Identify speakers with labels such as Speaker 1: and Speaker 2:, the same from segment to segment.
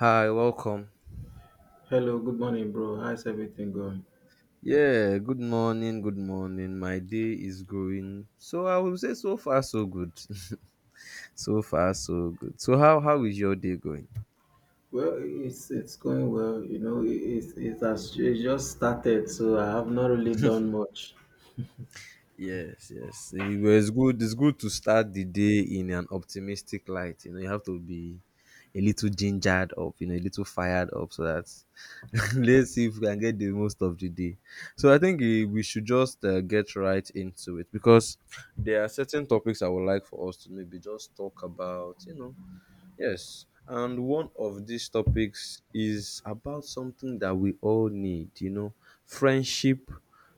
Speaker 1: Hi, welcome.
Speaker 2: Hello, good morning, bro. How's everything going?
Speaker 1: Yeah, good morning, good morning. My day is going. So I will say so far so good. So far so good. So how is your day going?
Speaker 2: Well, it's going well. You know, it- it's it has it just started, so I have not really done much.
Speaker 1: Yes, yes. But it's good. It's good to start the day in an optimistic light. You know, you have to be a little gingered up. You know, a little fired up, so that let's see if we can get the most of the day. So I think we should just get right into it because there are certain topics I would like for us to maybe just talk about. You know, yes, and one of these topics is about something that we all need, you know, friendship,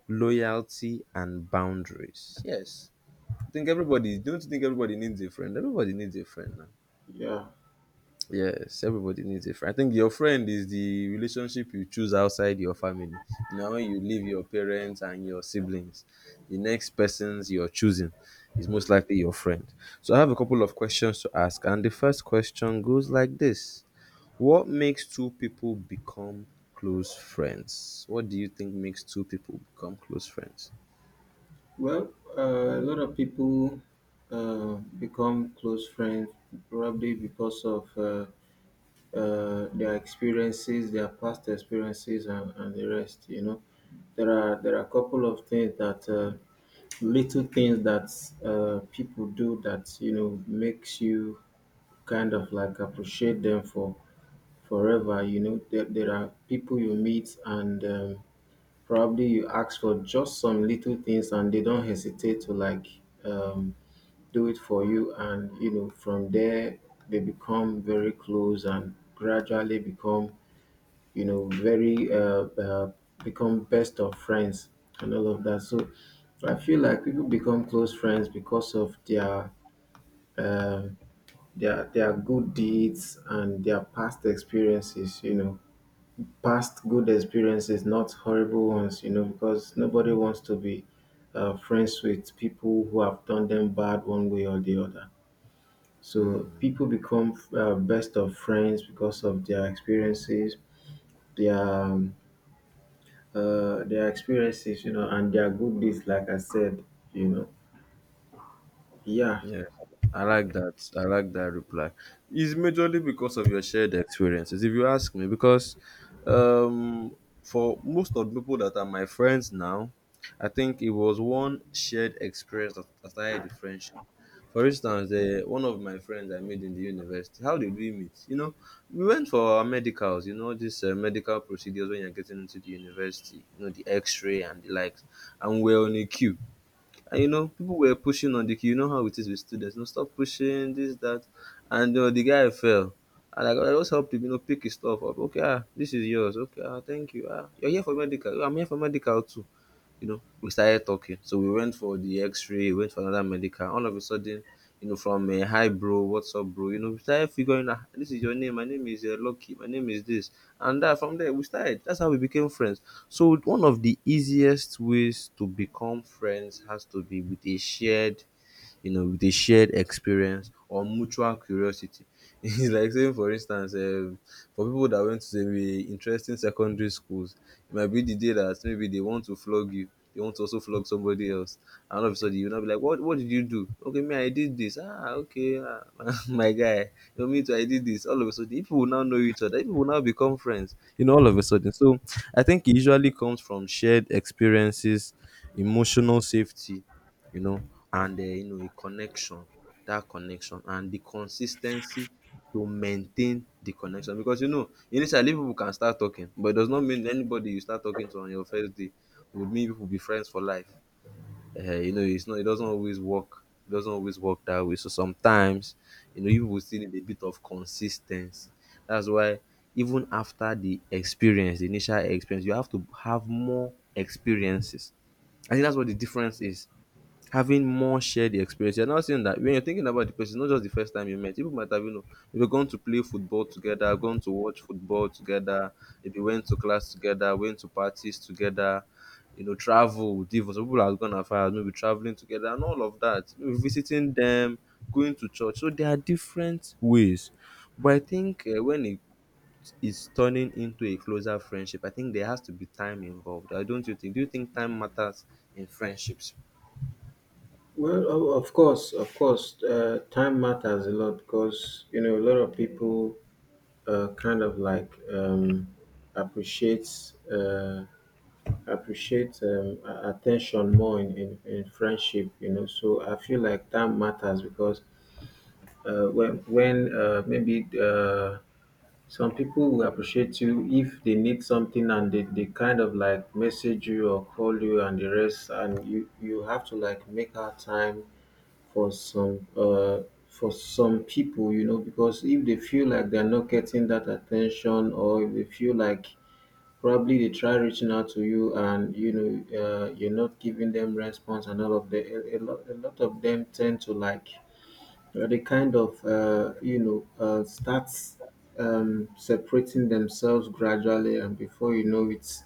Speaker 1: loyalty, and boundaries. Yes, I think don't you think everybody needs a friend? Everybody needs a friend now.
Speaker 2: Yeah.
Speaker 1: Yes, everybody needs a friend. I think your friend is the relationship you choose outside your family. You know, when you leave your parents and your siblings, the next person's you're choosing is most likely your friend. So I have a couple of questions to ask, and the first question goes like this: what makes two people become close friends? What do you think makes two people become close friends?
Speaker 2: Well, a lot of people uh, become close friends probably because of their experiences, their past experiences, and the rest. You know, there are a couple of things that little things that people do that, you know, makes you kind of like appreciate them for forever. You know, there are people you meet, and probably you ask for just some little things and they don't hesitate to like, um, do it for you. And you know, from there they become very close and gradually become, you know, very become best of friends and all of that. So I feel like people become close friends because of their uh, their good deeds and their past experiences, you know. Past good experiences, not horrible ones, you know, because nobody wants to be friends with people who have done them bad one way or the other. So people become best of friends because of their experiences, their their experiences, you know, and their good deeds. Like I said, you know, yeah.
Speaker 1: Yeah, I like that. I like that reply. It's majorly because of your shared experiences, if you ask me, because um, for most of the people that are my friends now, I think it was one shared experience that started the friendship. For instance, one of my friends I made in the university, how did we meet? You know, we went for our medicals, you know, these medical procedures when you're getting into the university, you know, the x ray and the likes, and we're on a queue. And you know, people were pushing on the queue. You know how it is with students. No, stop pushing, this, that. And the guy fell. And I just helped him, you know, pick his stuff up. Okay, ah, this is yours. Okay, ah, thank you. Ah, you're here for medical. I'm here for medical too. You know, we started talking. So we went for the X-ray, went for another medical. All of a sudden, you know, from a hi bro, what's up, bro? You know, we started figuring out this is your name. My name is Lucky. My name is this, and that. From there, we started. That's how we became friends. So one of the easiest ways to become friends has to be with a shared, you know, with a shared experience or mutual curiosity. It's like saying, for instance, for people that went to very interesting secondary schools, it might be the day that maybe they want to flog you. They want to also flog somebody else. And all of a sudden, you'll not be like, what did you do? Okay, me, I did this. Ah, okay, ah, my guy. You know, me too, I did this. All of a sudden, people will now know each other. People will now become friends, you know, all of a sudden. So I think it usually comes from shared experiences, emotional safety, you know, and you know a connection, that connection and the consis ten cy to maintain the connection because you know initially people can start talking, but it does not mean anybody you start talking to on your first day would mean people be friends for life. You know, it's not, it doesn't always work. It doesn't always work that way. So sometimes, you know, you people still need a bit of consistency. That's why even after the experience, the initial experience, you have to have more experiences. I think that's what the difference is: having more shared experience. You're now saying that when you're thinking about the person, not just the first time you met, people might have, you know, maybe gone to play football together, gone to watch football together, maybe went to class together, went to parties together, you know, travel, divorce. Some people have gone as far as maybe traveling together and all of that, maybe visiting them, going to church. So there are different ways. But I think when it is turning into a closer friendship, I think there has to be time involved. I don't you think? Do you think time matters in friendships?
Speaker 2: Well, of course, time matters a lot because, you know, a lot of people kind of like, appreciates. Uh, appreciate attention more in friendship. You know, so I feel like that matters because when maybe some people will appreciate you if they need something and they kind of like message you or call you and the rest, and you have to like make out time for some, for some people, you know, because if they feel like they're not getting that attention, or if they feel like probably they try reaching out to you, and you know, you're not giving them response, and all of the a lot of them tend to like they kind of, you know, starts separating themselves gradually, and before you know it's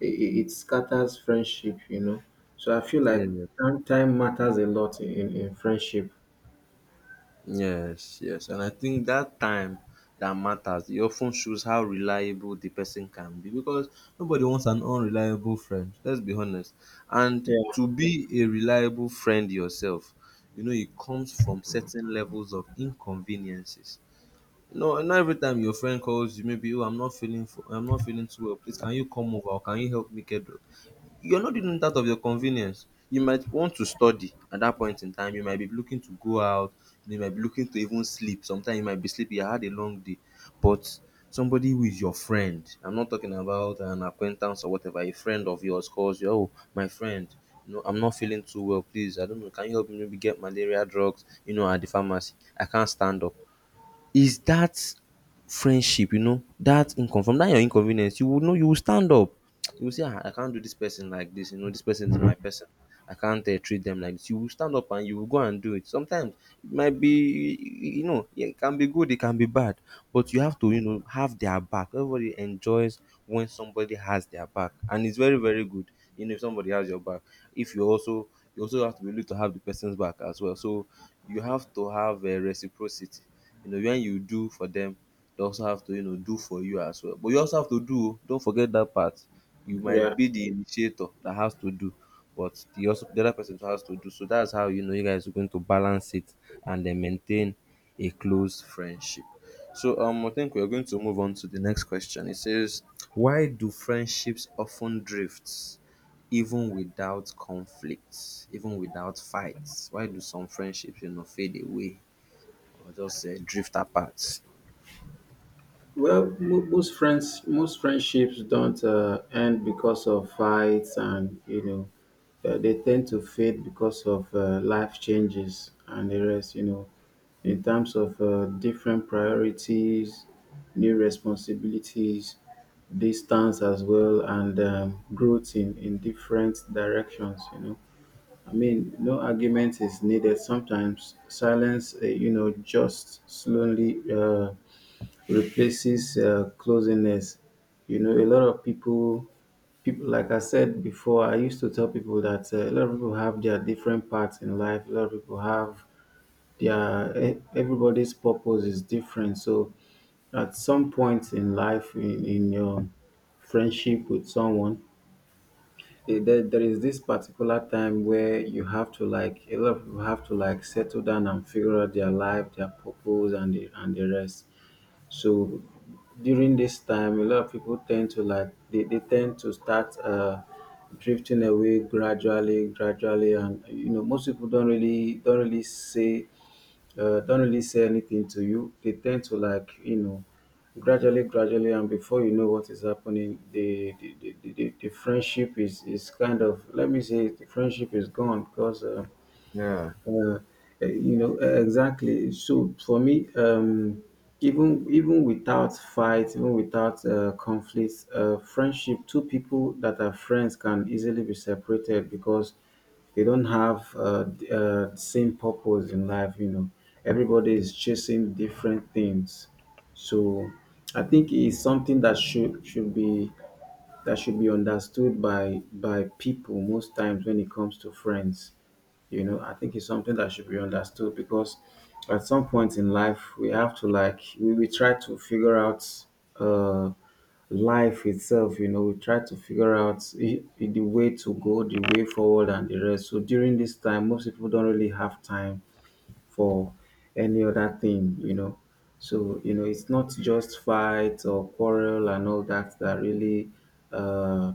Speaker 2: it, it it scatters friendship, you know. So I feel like
Speaker 1: Yeah.
Speaker 2: time matters a lot in friendship.
Speaker 1: Yes, yes. And I think that time that matters. It often shows how reliable the person can be because nobody wants an unreliable friend. Let's be honest. And
Speaker 2: Yeah.
Speaker 1: to be a reliable friend yourself, you know, it comes from certain levels of inconveniences. You know, and not every time your friend calls you, maybe, oh, I'm not feeling, f I'm not feeling too well. Please, can you come over or can you help me get, you're not doing it out of your convenience. You might want to study at that point in time. You might be looking to go out. You might be looking to even sleep. Sometimes you might be sleepy. You had a long day. But somebody who is your friend, I'm not talking about an acquaintance or whatever, a friend of yours calls you, oh, my friend, you know, I'm not feeling too well. Please, I don't know. Can you help me maybe get malaria drugs, you know, at the pharmacy? I can't stand up. Is that friendship, you know, that income from that your inconvenience, you will know, you will stand up. You will say, ah, I can't do this person like this. You know, this person is my person. I can't treat them like this. You will stand up and you will go and do it. Sometimes it might be, you know, it can be good, it can be bad, but you have to, you know, have their back. Everybody enjoys when somebody has their back, and it's very, very good. You know, if somebody has your back, if you also, you also have to be able to have the person's back as well. So you have to have a reciprocity, you know, when you do for them, they also have to, you know, do for you as well. But you also have to do, o don't forget that part. You might
Speaker 2: yeah
Speaker 1: be the initiator that has to do, but the also the other person has to do. So that's how you know you guys are going to balance it and then maintain a close friendship. So I think we're going to move on to the next question. It says, why do friendships often drift even without conflicts, even without fights? Why do some friendships, you know, fade away or just drift apart?
Speaker 2: Well, most friendships don't end because of fights, and you know, they tend to fade because of life changes and the rest. You know, in terms of different priorities, new responsibilities, distance as well, and growth in different directions. You know, I mean, no argument is needed. Sometimes silence, you know, just slowly replaces closeness. You know, a lot of people, like I said before, I used to tell people that a lot of people have their different parts in life. A lot of people have their, everybody's purpose is different. So at some point in life, in your friendship with someone, there is this particular time where you have to like a lot of people have to like settle down and figure out their life, their purpose, and the rest. So during this time, a lot of people tend to like, they tend to start drifting away, gradually, gradually. And you know, most people don't really say anything to you. They tend to like, you know, gradually, gradually, and before you know what is happening, the friendship is kind of, let me say, the friendship is gone because
Speaker 1: Yeah,
Speaker 2: uh, you know, exactly. So for me, even without fights, even without conflicts, friendship, two people that are friends can easily be separated because they don't have, same purpose in life, you know. Everybody is chasing different things. So I think it's something that should be understood by people most times when it comes to friends. You know, I think it's something that should be understood because at some point in life, we have to like we try to figure out, uh life itself, you know. We try to figure out the way to go, the way forward, and the rest. So during this time, most people don't really have time for any other thing, you know. So, you know, it's not just fight or quarrel and all that that really uh,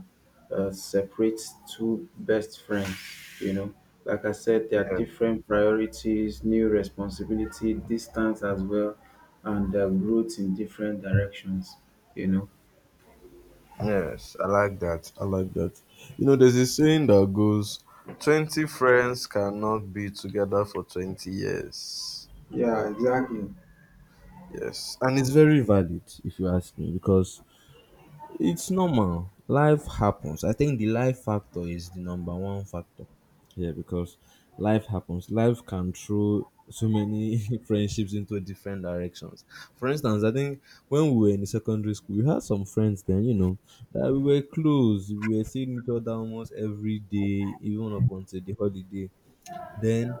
Speaker 2: separates two best friends, you know. Like I said, there are
Speaker 1: yeah,
Speaker 2: different priorities, new responsibility, distance as well, and growth in different directions, you know.
Speaker 1: yes, I like that. I like that. You know, there's a saying that goes, 20 friends cannot be together for 20 years.
Speaker 2: Yeah, exactly.
Speaker 1: Yes, and it's very valid if you ask me because it's normal. Life happens. I think the life factor is the number one factor. Yeah, because life happens. Life can throw so many friendships into different directions. For instance, I think when we were in the secondary school, we had some friends then, you know, that we were close. We were seeing each other almost every day, even up until the holiday. Then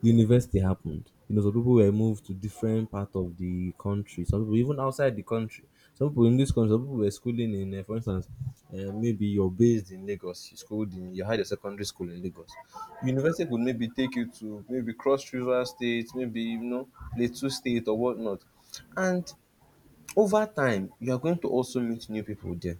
Speaker 1: university happened. You know, some people were moved to different part of the country. Some people even outside the country. Some people in this country. Some people were schooling in, for instance, maybe you're based in Lagos. You schooled in, you had your secondary school in Lagos. University could maybe take you to maybe Cross River State, maybe you know Plateau State or whatnot. And over time, you are going to also meet new people there.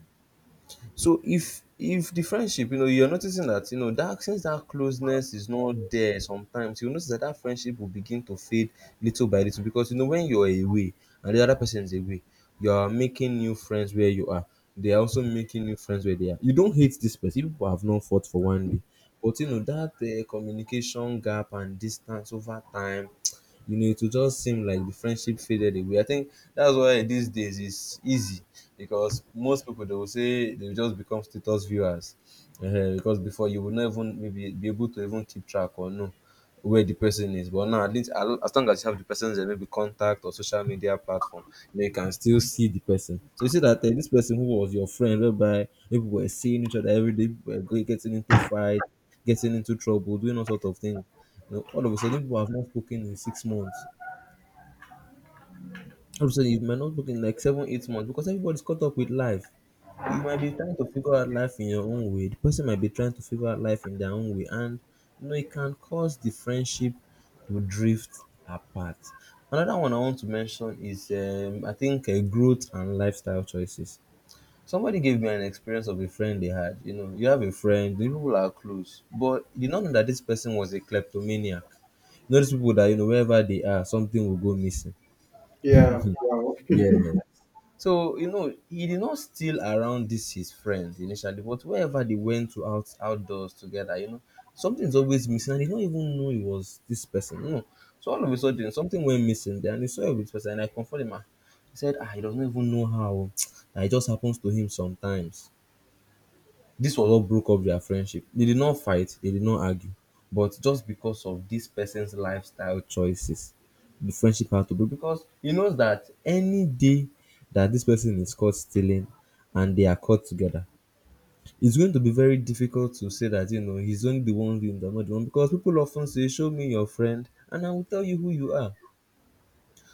Speaker 1: So if the friendship, you know, you're noticing that, you know, that since that closeness is not there sometimes, you notice that friendship will begin to fade little by little because, you know, when you're away and the other person is away, you are making new friends where you are. They are also making new friends where they are. You don't hate this person. You People have known fought for one day. But, you know, that communication gap and distance over time, you know, it will just seem like the friendship faded away. I think that's why these days it's easy, because most people, they will say they will just become status viewers. Because before you would not even maybe be able to even keep track or know where the person is. But now at least as long as you have the person's maybe contact or social media platform, then you can still see the person. So you see that this person who was your friend, whereby people were seeing each other every day, people were getting into fight, getting into trouble, doing all sorts of things. You know, all of a sudden, people have not spoken in 6 months. All of a sudden, you might not spoken in like seven, 8 months because everybody's caught up with life. You might be trying to figure out life in your own way. The person might be trying to figure out life in their own way, and you know it can cause the friendship to drift apart. Another one I want to mention is, I think, growth and lifestyle choices. Somebody gave me an experience of a friend they had. You know, you have a friend, the people are close, but you don't know that this person was a kleptomaniac. You know, these people that, you know, wherever they are, something will go missing.
Speaker 2: Yeah, wow.
Speaker 1: Yeah. So, you know, he did not steal around this his friend initially, but wherever they went to outdoors together, you know, something is always missing and he don't even know it was this person. You know. So all of a sudden something went missing there and he saw it with this person and I comforted him. Ah. He said, ah, he doesn't even know how that it just happens to him sometimes. This was what broke up their friendship. They did not fight, they did not argue, but just because of this person's lifestyle choices, the friendship had to break because he knows that any day that this person is caught stealing and they are caught together, it's going to be very difficult to say that you know he's only the one doing the I not the one because people often say, "Show me your friend, and I will tell you who you are."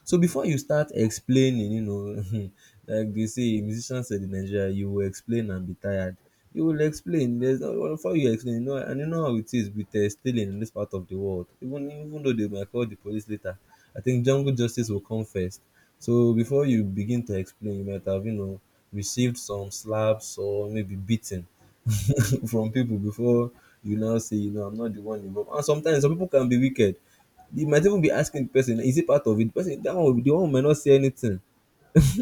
Speaker 1: So before you start explaining, you know, like they say, musicians said in Nigeria, you will explain and be tired. You will explain. There's no before you explain, you know, and you know how it is with stealing in this part of the world. Even though they might call the police later, I think jungle justice will come first. So before you begin to explain, you might have you know received some slaps or maybe beating from people before you now say, you know, I'm not the one involved. And sometimes some people can be wicked. You might even be asking the person, is it part of it? The person, that one, the one might not say anything.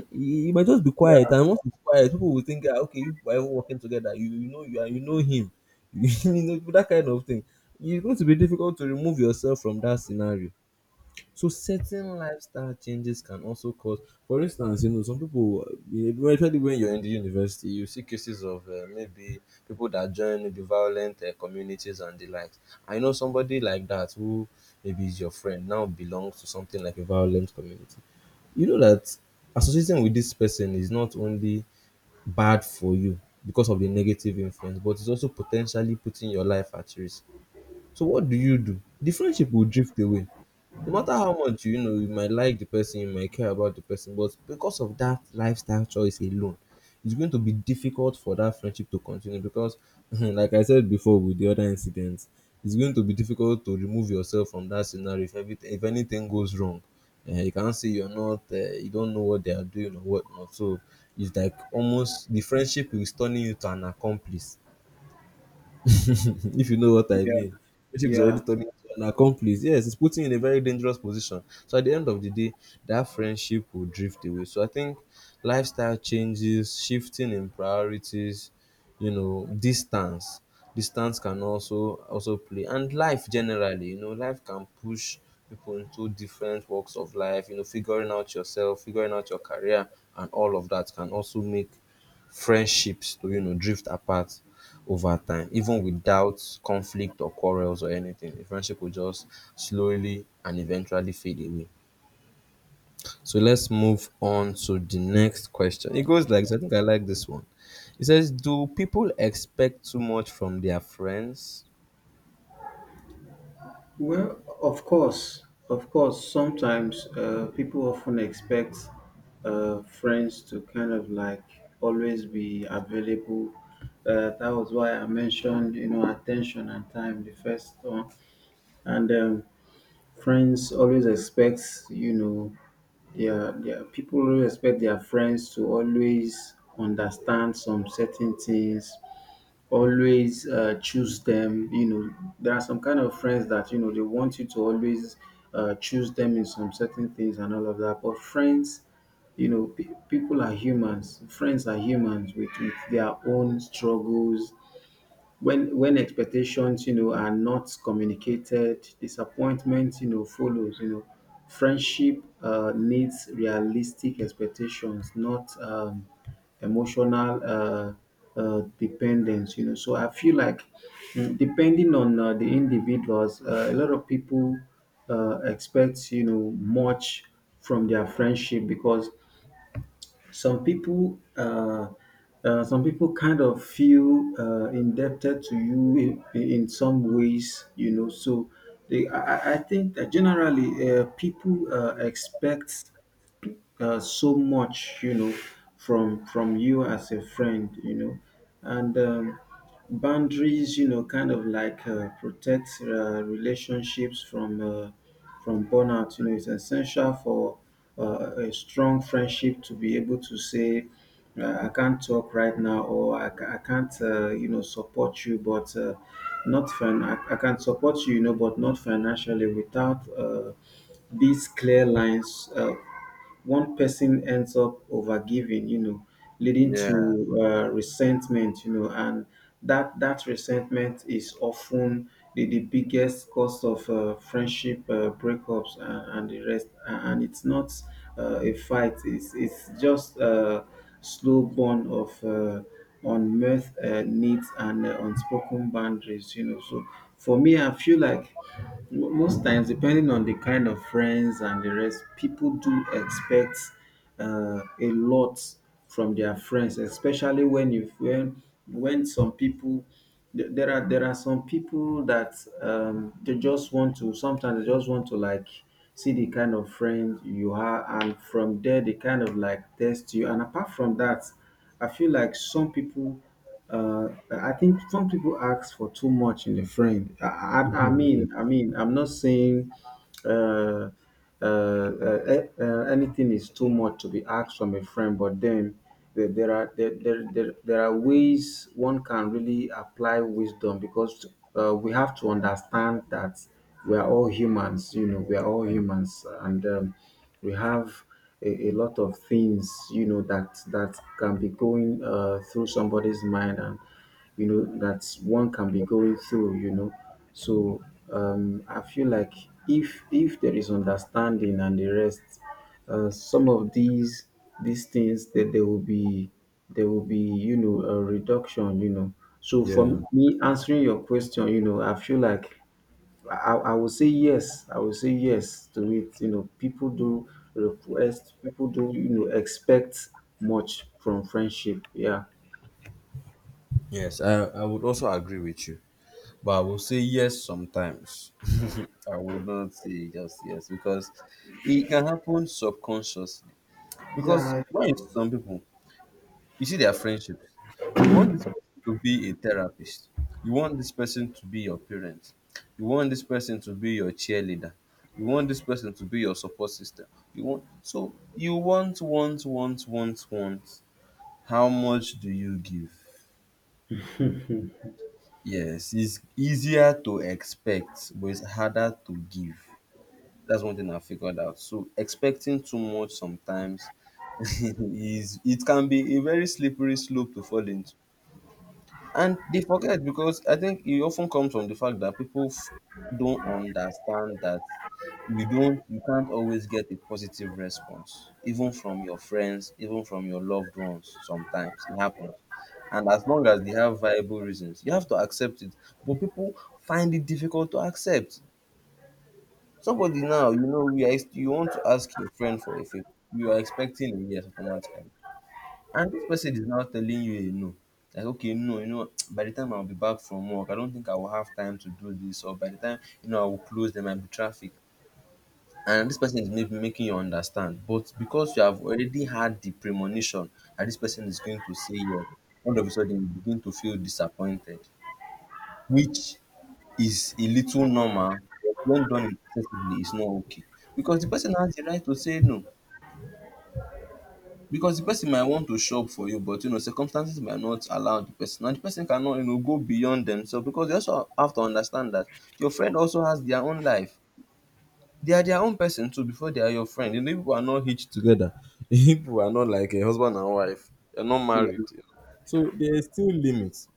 Speaker 1: You, you might just be quiet,
Speaker 2: Yeah,
Speaker 1: and once it's quiet, people will think, ah, okay, you are even working together. You know you are, you know him, you know that kind of thing. It's going to be difficult to remove yourself from that scenario. So certain lifestyle changes can also cause, for instance, you know, some people, especially when you're in the university, you see cases of maybe people that join maybe violent communities and the likes. I know somebody like that who maybe is your friend now belongs to something like a violent community. You know that associating with this person is not only bad for you because of the negative influence, but it's also potentially putting your life at risk. So what do you do? The friendship will drift away no matter how much you know you might like the person you might care about the person but because of that lifestyle choice alone it's going to be difficult for that friendship to continue because like I said before with the other incidents it's going to be difficult to remove yourself from that scenario if everything if anything goes wrong you can't say you're not you don't know what they are doing or whatnot so it's like almost the friendship is turning you to an accomplice if you know what I
Speaker 2: yeah,
Speaker 1: mean. Friendship is already
Speaker 2: yeah.
Speaker 1: turning into an accomplice. Yes, it's putting you in a very dangerous position. So at the end of the day, that friendship will drift away. So I think lifestyle changes, shifting in priorities, you know, distance. Distance can also play. And life generally, you know, life can push people into different walks of life, you know, figuring out yourself, figuring out your career and all of that can also make friendships to you know drift apart over time, even without conflict or quarrels or anything. The friendship will just slowly and eventually fade away. So let's move on to the next question. It goes like this. I think I like this one. It says, do people expect too much from their friends?
Speaker 2: Well, of course, of course. Sometimes people often expect friends to kind of like always be available. That was why I mentioned, you know, attention and time, the first one. And friends always expect, you know, their people always expect their friends to always understand some certain things, always choose them. You know, there are some kind of friends that, you know, they want you to always choose them in some certain things and all of that. But friends, you know, people are humans. Friends are humans with their own struggles. When expectations, you know, are not communicated, disappointment, you know, follows. You know, friendship needs realistic expectations, not emotional dependence, you know. So I feel like, depending on the individuals, a lot of people expect, you know, much from their friendship because some people uh, some people kind of feel indebted to you in some ways, you know. So they, I think that generally, people expect so much, you know, from you as a friend, you know. And boundaries, you know, kind of like protect relationships from, from burnout, you know. It's essential for a strong friendship to be able to say, I can't talk right now, or I can't, you know, support you, but not I can support you, you know, but not financially. Without these clear lines, one person ends up overgiving, you know, leading
Speaker 1: Yeah.
Speaker 2: to resentment, you know. And that resentment is often the biggest cause of friendship breakups, and, the rest. And it's not a fight; it's just a slow burn of on mirth, needs, and unspoken boundaries. You know, so for me, I feel like most times, depending on the kind of friends and the rest, people do expect a lot from their friends, especially when you when some people, there are some people that, they just want to sometimes they just want to like see the kind of friend you are, and from there they kind of like test you. And apart from that, I feel like some people, I think some people ask for too much in a friend. I mean I'm not saying uh, uh, uh, anything is too much to be asked from a friend. But then there are there, there, there, there are ways one can really apply wisdom because we have to understand that we are all humans, you know, we are all
Speaker 1: Yeah.
Speaker 2: humans. And we have a lot of things, you know, that can be going through somebody's mind, and, you know, that one can be going through, you know. So I feel like, if there is understanding and the rest, some of these things, that there will be, you know, a reduction, you know. So
Speaker 1: Yeah.
Speaker 2: for me, answering your question, you know, I feel like I will say yes, I will say yes to it. You know, people do request, people do, you know, expect much from friendship. Yeah
Speaker 1: Yes, I would also agree with you. But I will say yes sometimes. I would not say just yes because it can happen subconsciously. Because
Speaker 2: yeah
Speaker 1: when is some people, you see their friendships. You want this person to be a therapist. You want this person to be your parent. You want this person to be your cheerleader. You want this person to be your support system. You want so you want, want. How much do you give? Yes, it's easier to expect, but it's harder to give. That's one thing I figured out. So expecting too much sometimes is it can be a very slippery slope to fall into. And they forget because I think it often comes from the fact that don't understand that you don't you can't always get a positive response, even from your friends, even from your loved ones. Sometimes it happens. And as long as they have viable reasons, you have to accept it. But people find it difficult to accept. Somebody now, you know, you want to ask your friend for a favor. You are expecting a yes automatically. And this person is now telling you a no. Like, okay, no, you know, by the time I'll be back from work, I don't think I will have time to do this, or by the time, you know, I will close, there might be traffic. And this person is maybe making you understand. But because you have already had the premonition that this person is going to say yes, all of a sudden you begin to feel disappointed, which is a little normal, but when done excessively, it's not okay. Because the person has the right to say no. Because the person might want to shop for you, but you know, circumstances might not allow the person. And the person cannot, you know, go beyond themselves because they also have to understand that your friend also has their own life. They are their own person too before they are your friend. You know, people are not hitched together. People are not like a husband and wife. They're not
Speaker 2: yeah
Speaker 1: married. So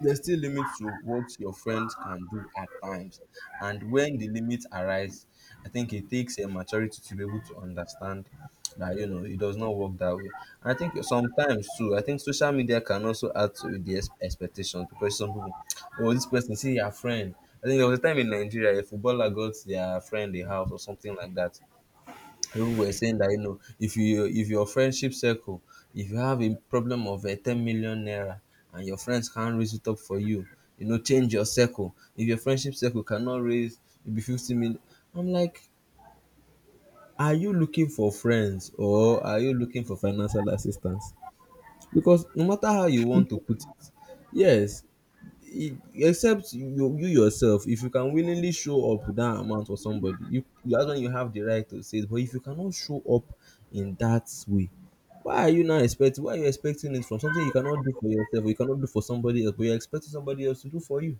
Speaker 1: there's still limits to what your friends can do at times. And when the limits arise, I think it takes a maturity to be able to understand that you know it does not work that way. And I think sometimes too, I think social media can also add to the expectations because some people, oh, this person see your friend. I think there was a time in Nigeria a footballer got their friend a house or something like that. People were saying that you know if you if your friendship circle if you have a problem of 10 million naira and your friends can't raise it up for you you know change your circle if your friendship circle cannot raise maybe 50 million. I'm like, are you looking for friends or are you looking for financial assistance because no matter how you want to put it, yes, e except you yourself if you can willingly show up with that amount for somebody you that's when you have the right to say it but if you cannot show up in that way why are you now expecting why are you expecting it from something you cannot do for yourself or you cannot do for somebody else but you're expecting somebody else to do for you.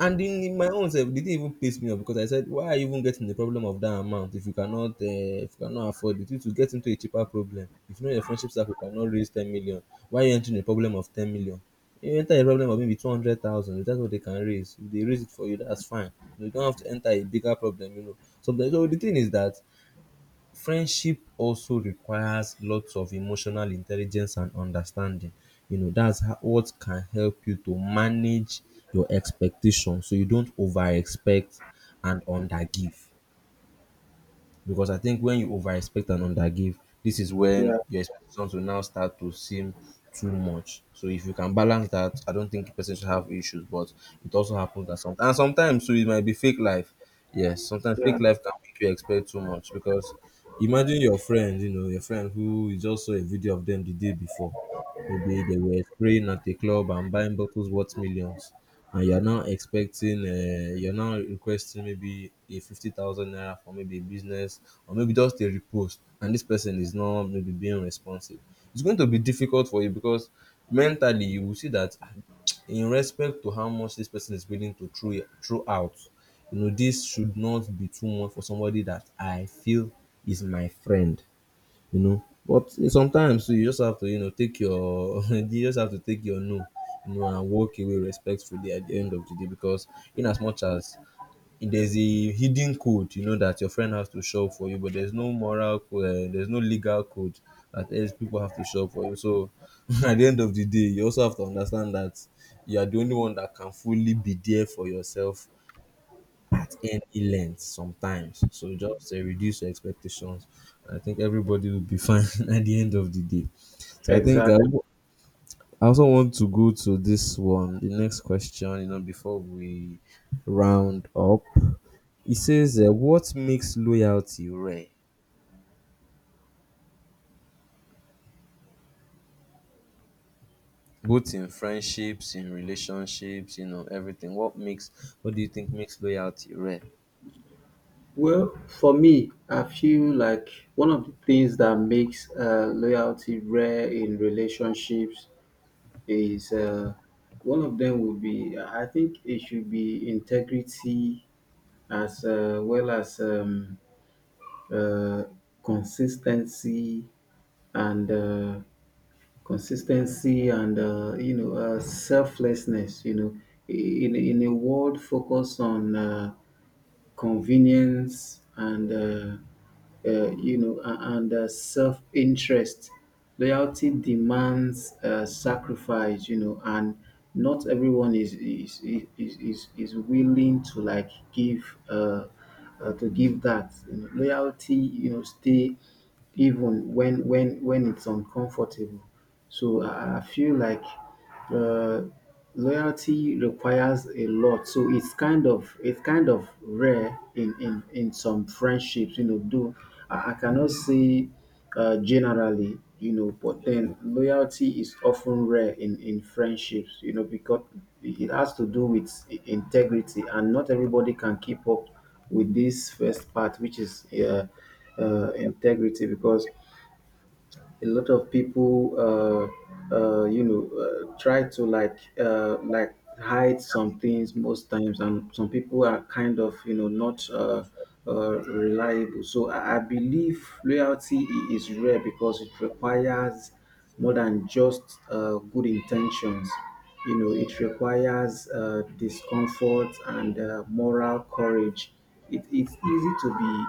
Speaker 1: And in my own self, they didn't even piss me off because I said, why are you even getting the problem of that amount if you cannot afford it? You to get into a cheaper problem. If you know your friendship circle cannot raise 10 million, why are you entering a problem of 10 million? You enter a problem of maybe 200,000. That's what they can raise. If they raise it for you, that's fine. You don't have to enter a bigger problem, you know. So, so the thing is that friendship also requires lots of emotional intelligence and understanding. You know, that's how, what can help you to manage your expectations so you don't over expect and under give. Because I think when you overexpect and undergive, this is when
Speaker 2: yeah.
Speaker 1: your expectations will now start to seem too much. So if you can balance that, I don't think person should have issues. But it also happens that sometimes, and sometimes so it might be fake life. Yes, sometimes
Speaker 2: Yeah.
Speaker 1: fake life can make you expect too much because imagine your friend, you know, your friend who you just saw a video of them the day before. Maybe they were spraying at a club and buying bottles worth millions, and you're now expecting, you're now requesting maybe a 50,000 naira for maybe a business or maybe just a repost, and this person is not maybe being responsive. It's going to be difficult for you because mentally you will see that "Ah, in respect to how much this person is willing to throw out, you know, this should not be too much for somebody that I feel is my friend you know. But sometimes too, you just have to, you know, take your you just have to take your no, you know, and walk away respectfully at the end of the day because in as much as there's a hidden code, you know, that your friend has to show for you, but there's no moral code, there's no legal code that else people have to show for you. So at the end of the day, you also have to understand that you are the only one that can fully be there for yourself at any length sometimes. So just reduce your expectations. I think everybody will be fine at the end of the day. So I think I,
Speaker 2: Exactly.
Speaker 1: w- I also want to go to this one, the next question, you know, before we round up. It says, what makes loyalty rare? Both in friendships, in relationships, you know, everything. What do you think makes loyalty rare?
Speaker 2: Well, for me, I feel like one of the things that makes loyalty rare in relationships is, one of them would be, I think it should be integrity, as well as, uh, consistency and consistency and you know, selflessness. You know, in a world focused on convenience and, you know, and self-interest. Loyalty demands sacrifice, you know, and not everyone is willing to like give, to give that. You know, loyalty, you know, stay even when it's uncomfortable. So I feel like uh, loyalty requires a lot, so it's kind of rare in some friendships. You know, I cannot say, generally, you know, but then loyalty is often rare in friendships. You know, because it has to do with integrity, and not everybody can keep up with this first part, which is integrity, because a lot of people you know, try to like, like hide some things most times. And some people are kind of, you know, not reliable. So I believe loyalty is rare because it requires more than just good intentions. You know, it requires discomfort and moral courage. It's easy to be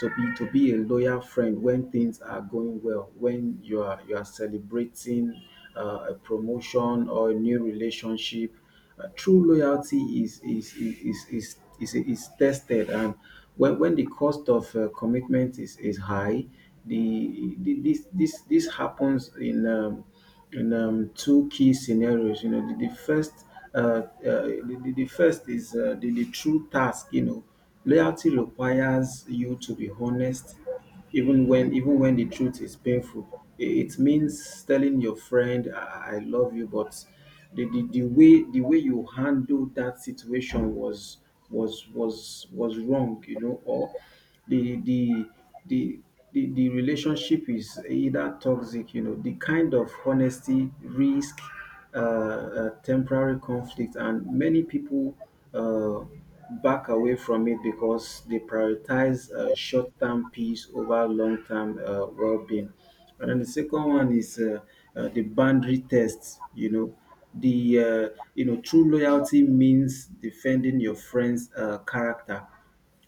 Speaker 2: to be to be a loyal friend when things are going well, when you are celebrating a promotion or a new relationship. True loyalty is tested, and when the cost of commitment is high. The, the this this this happens in two key scenarios. You know, the first is, the true task. You know, loyalty requires you to be honest, even when the truth is painful. It means telling your friend, I love you, but the way you handled that situation was wrong, you know, or the the the the relationship is either toxic. You know, the kind of honesty risk, temporary conflict, and many people uh, back away from it because they prioritize short-term peace over long-term well-being. And then the second one is, the boundary test. You know, the uh, true loyalty means defending your friend's character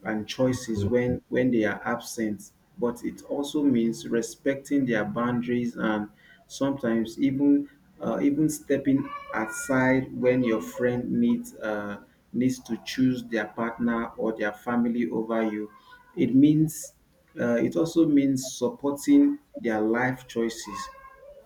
Speaker 2: and choices when they are absent, but it also means respecting their boundaries and sometimes even, even stepping aside when your friend needs to choose their partner or their family over you. It means, it also means supporting their life choices,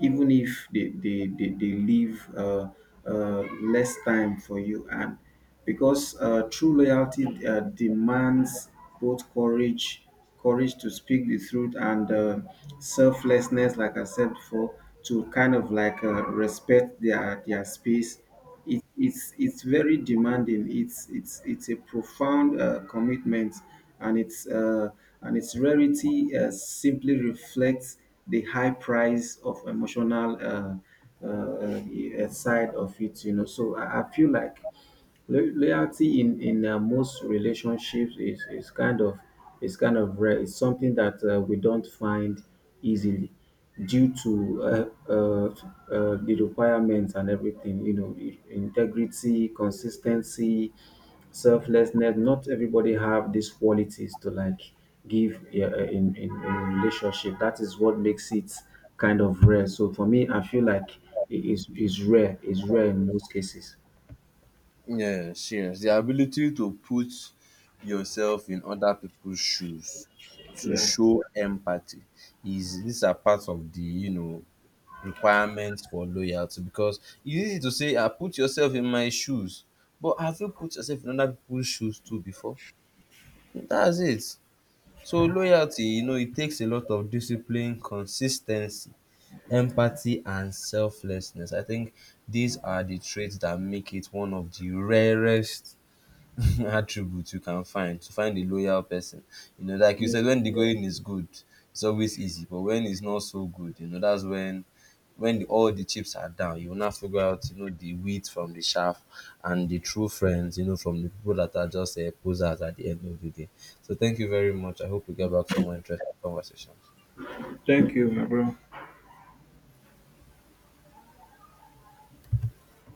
Speaker 2: even if they leave uh, less time for you. And because true loyalty demands both courage, courage to speak the truth, and selflessness, like I said before, to kind of like, respect their space. It's very demanding. It's a profound commitment, and it's and its rarity simply reflects the high price of emotional, side of it. You know, so I feel like. Loyalty in most relationships is kind of rare. It's something that we don't find easily due to uh, uh, the requirements and everything. You know, integrity, consistency, selflessness. Not everybody have these qualities to like give, in relationship. That is what makes it kind of rare. So for me, I feel like it is rare. It's rare in most cases.
Speaker 1: Yes, yes. The ability to put yourself in other people's shoes, to
Speaker 2: Yeah.
Speaker 1: show empathy, is these are part of the you know requirements for loyalty because it's easy to say, I put yourself in my shoes, but have you put yourself in other people's shoes too before? That's it. So loyalty, you know, it takes a lot of discipline, consistency, empathy, and selflessness. I think these are the traits that make it one of the rarest attributes you can find to find a loyal person. You know, like you said, when the going is good, it's always easy. But when it's not so good, you know, that's when all the chips are down, you will now figure out, you know, the wheat from the chaff and the true friends, you know, from the people that are just posers at the end of the day. So thank you very much. I hope we get back to more interesting conversations.
Speaker 2: Thank you, my bro.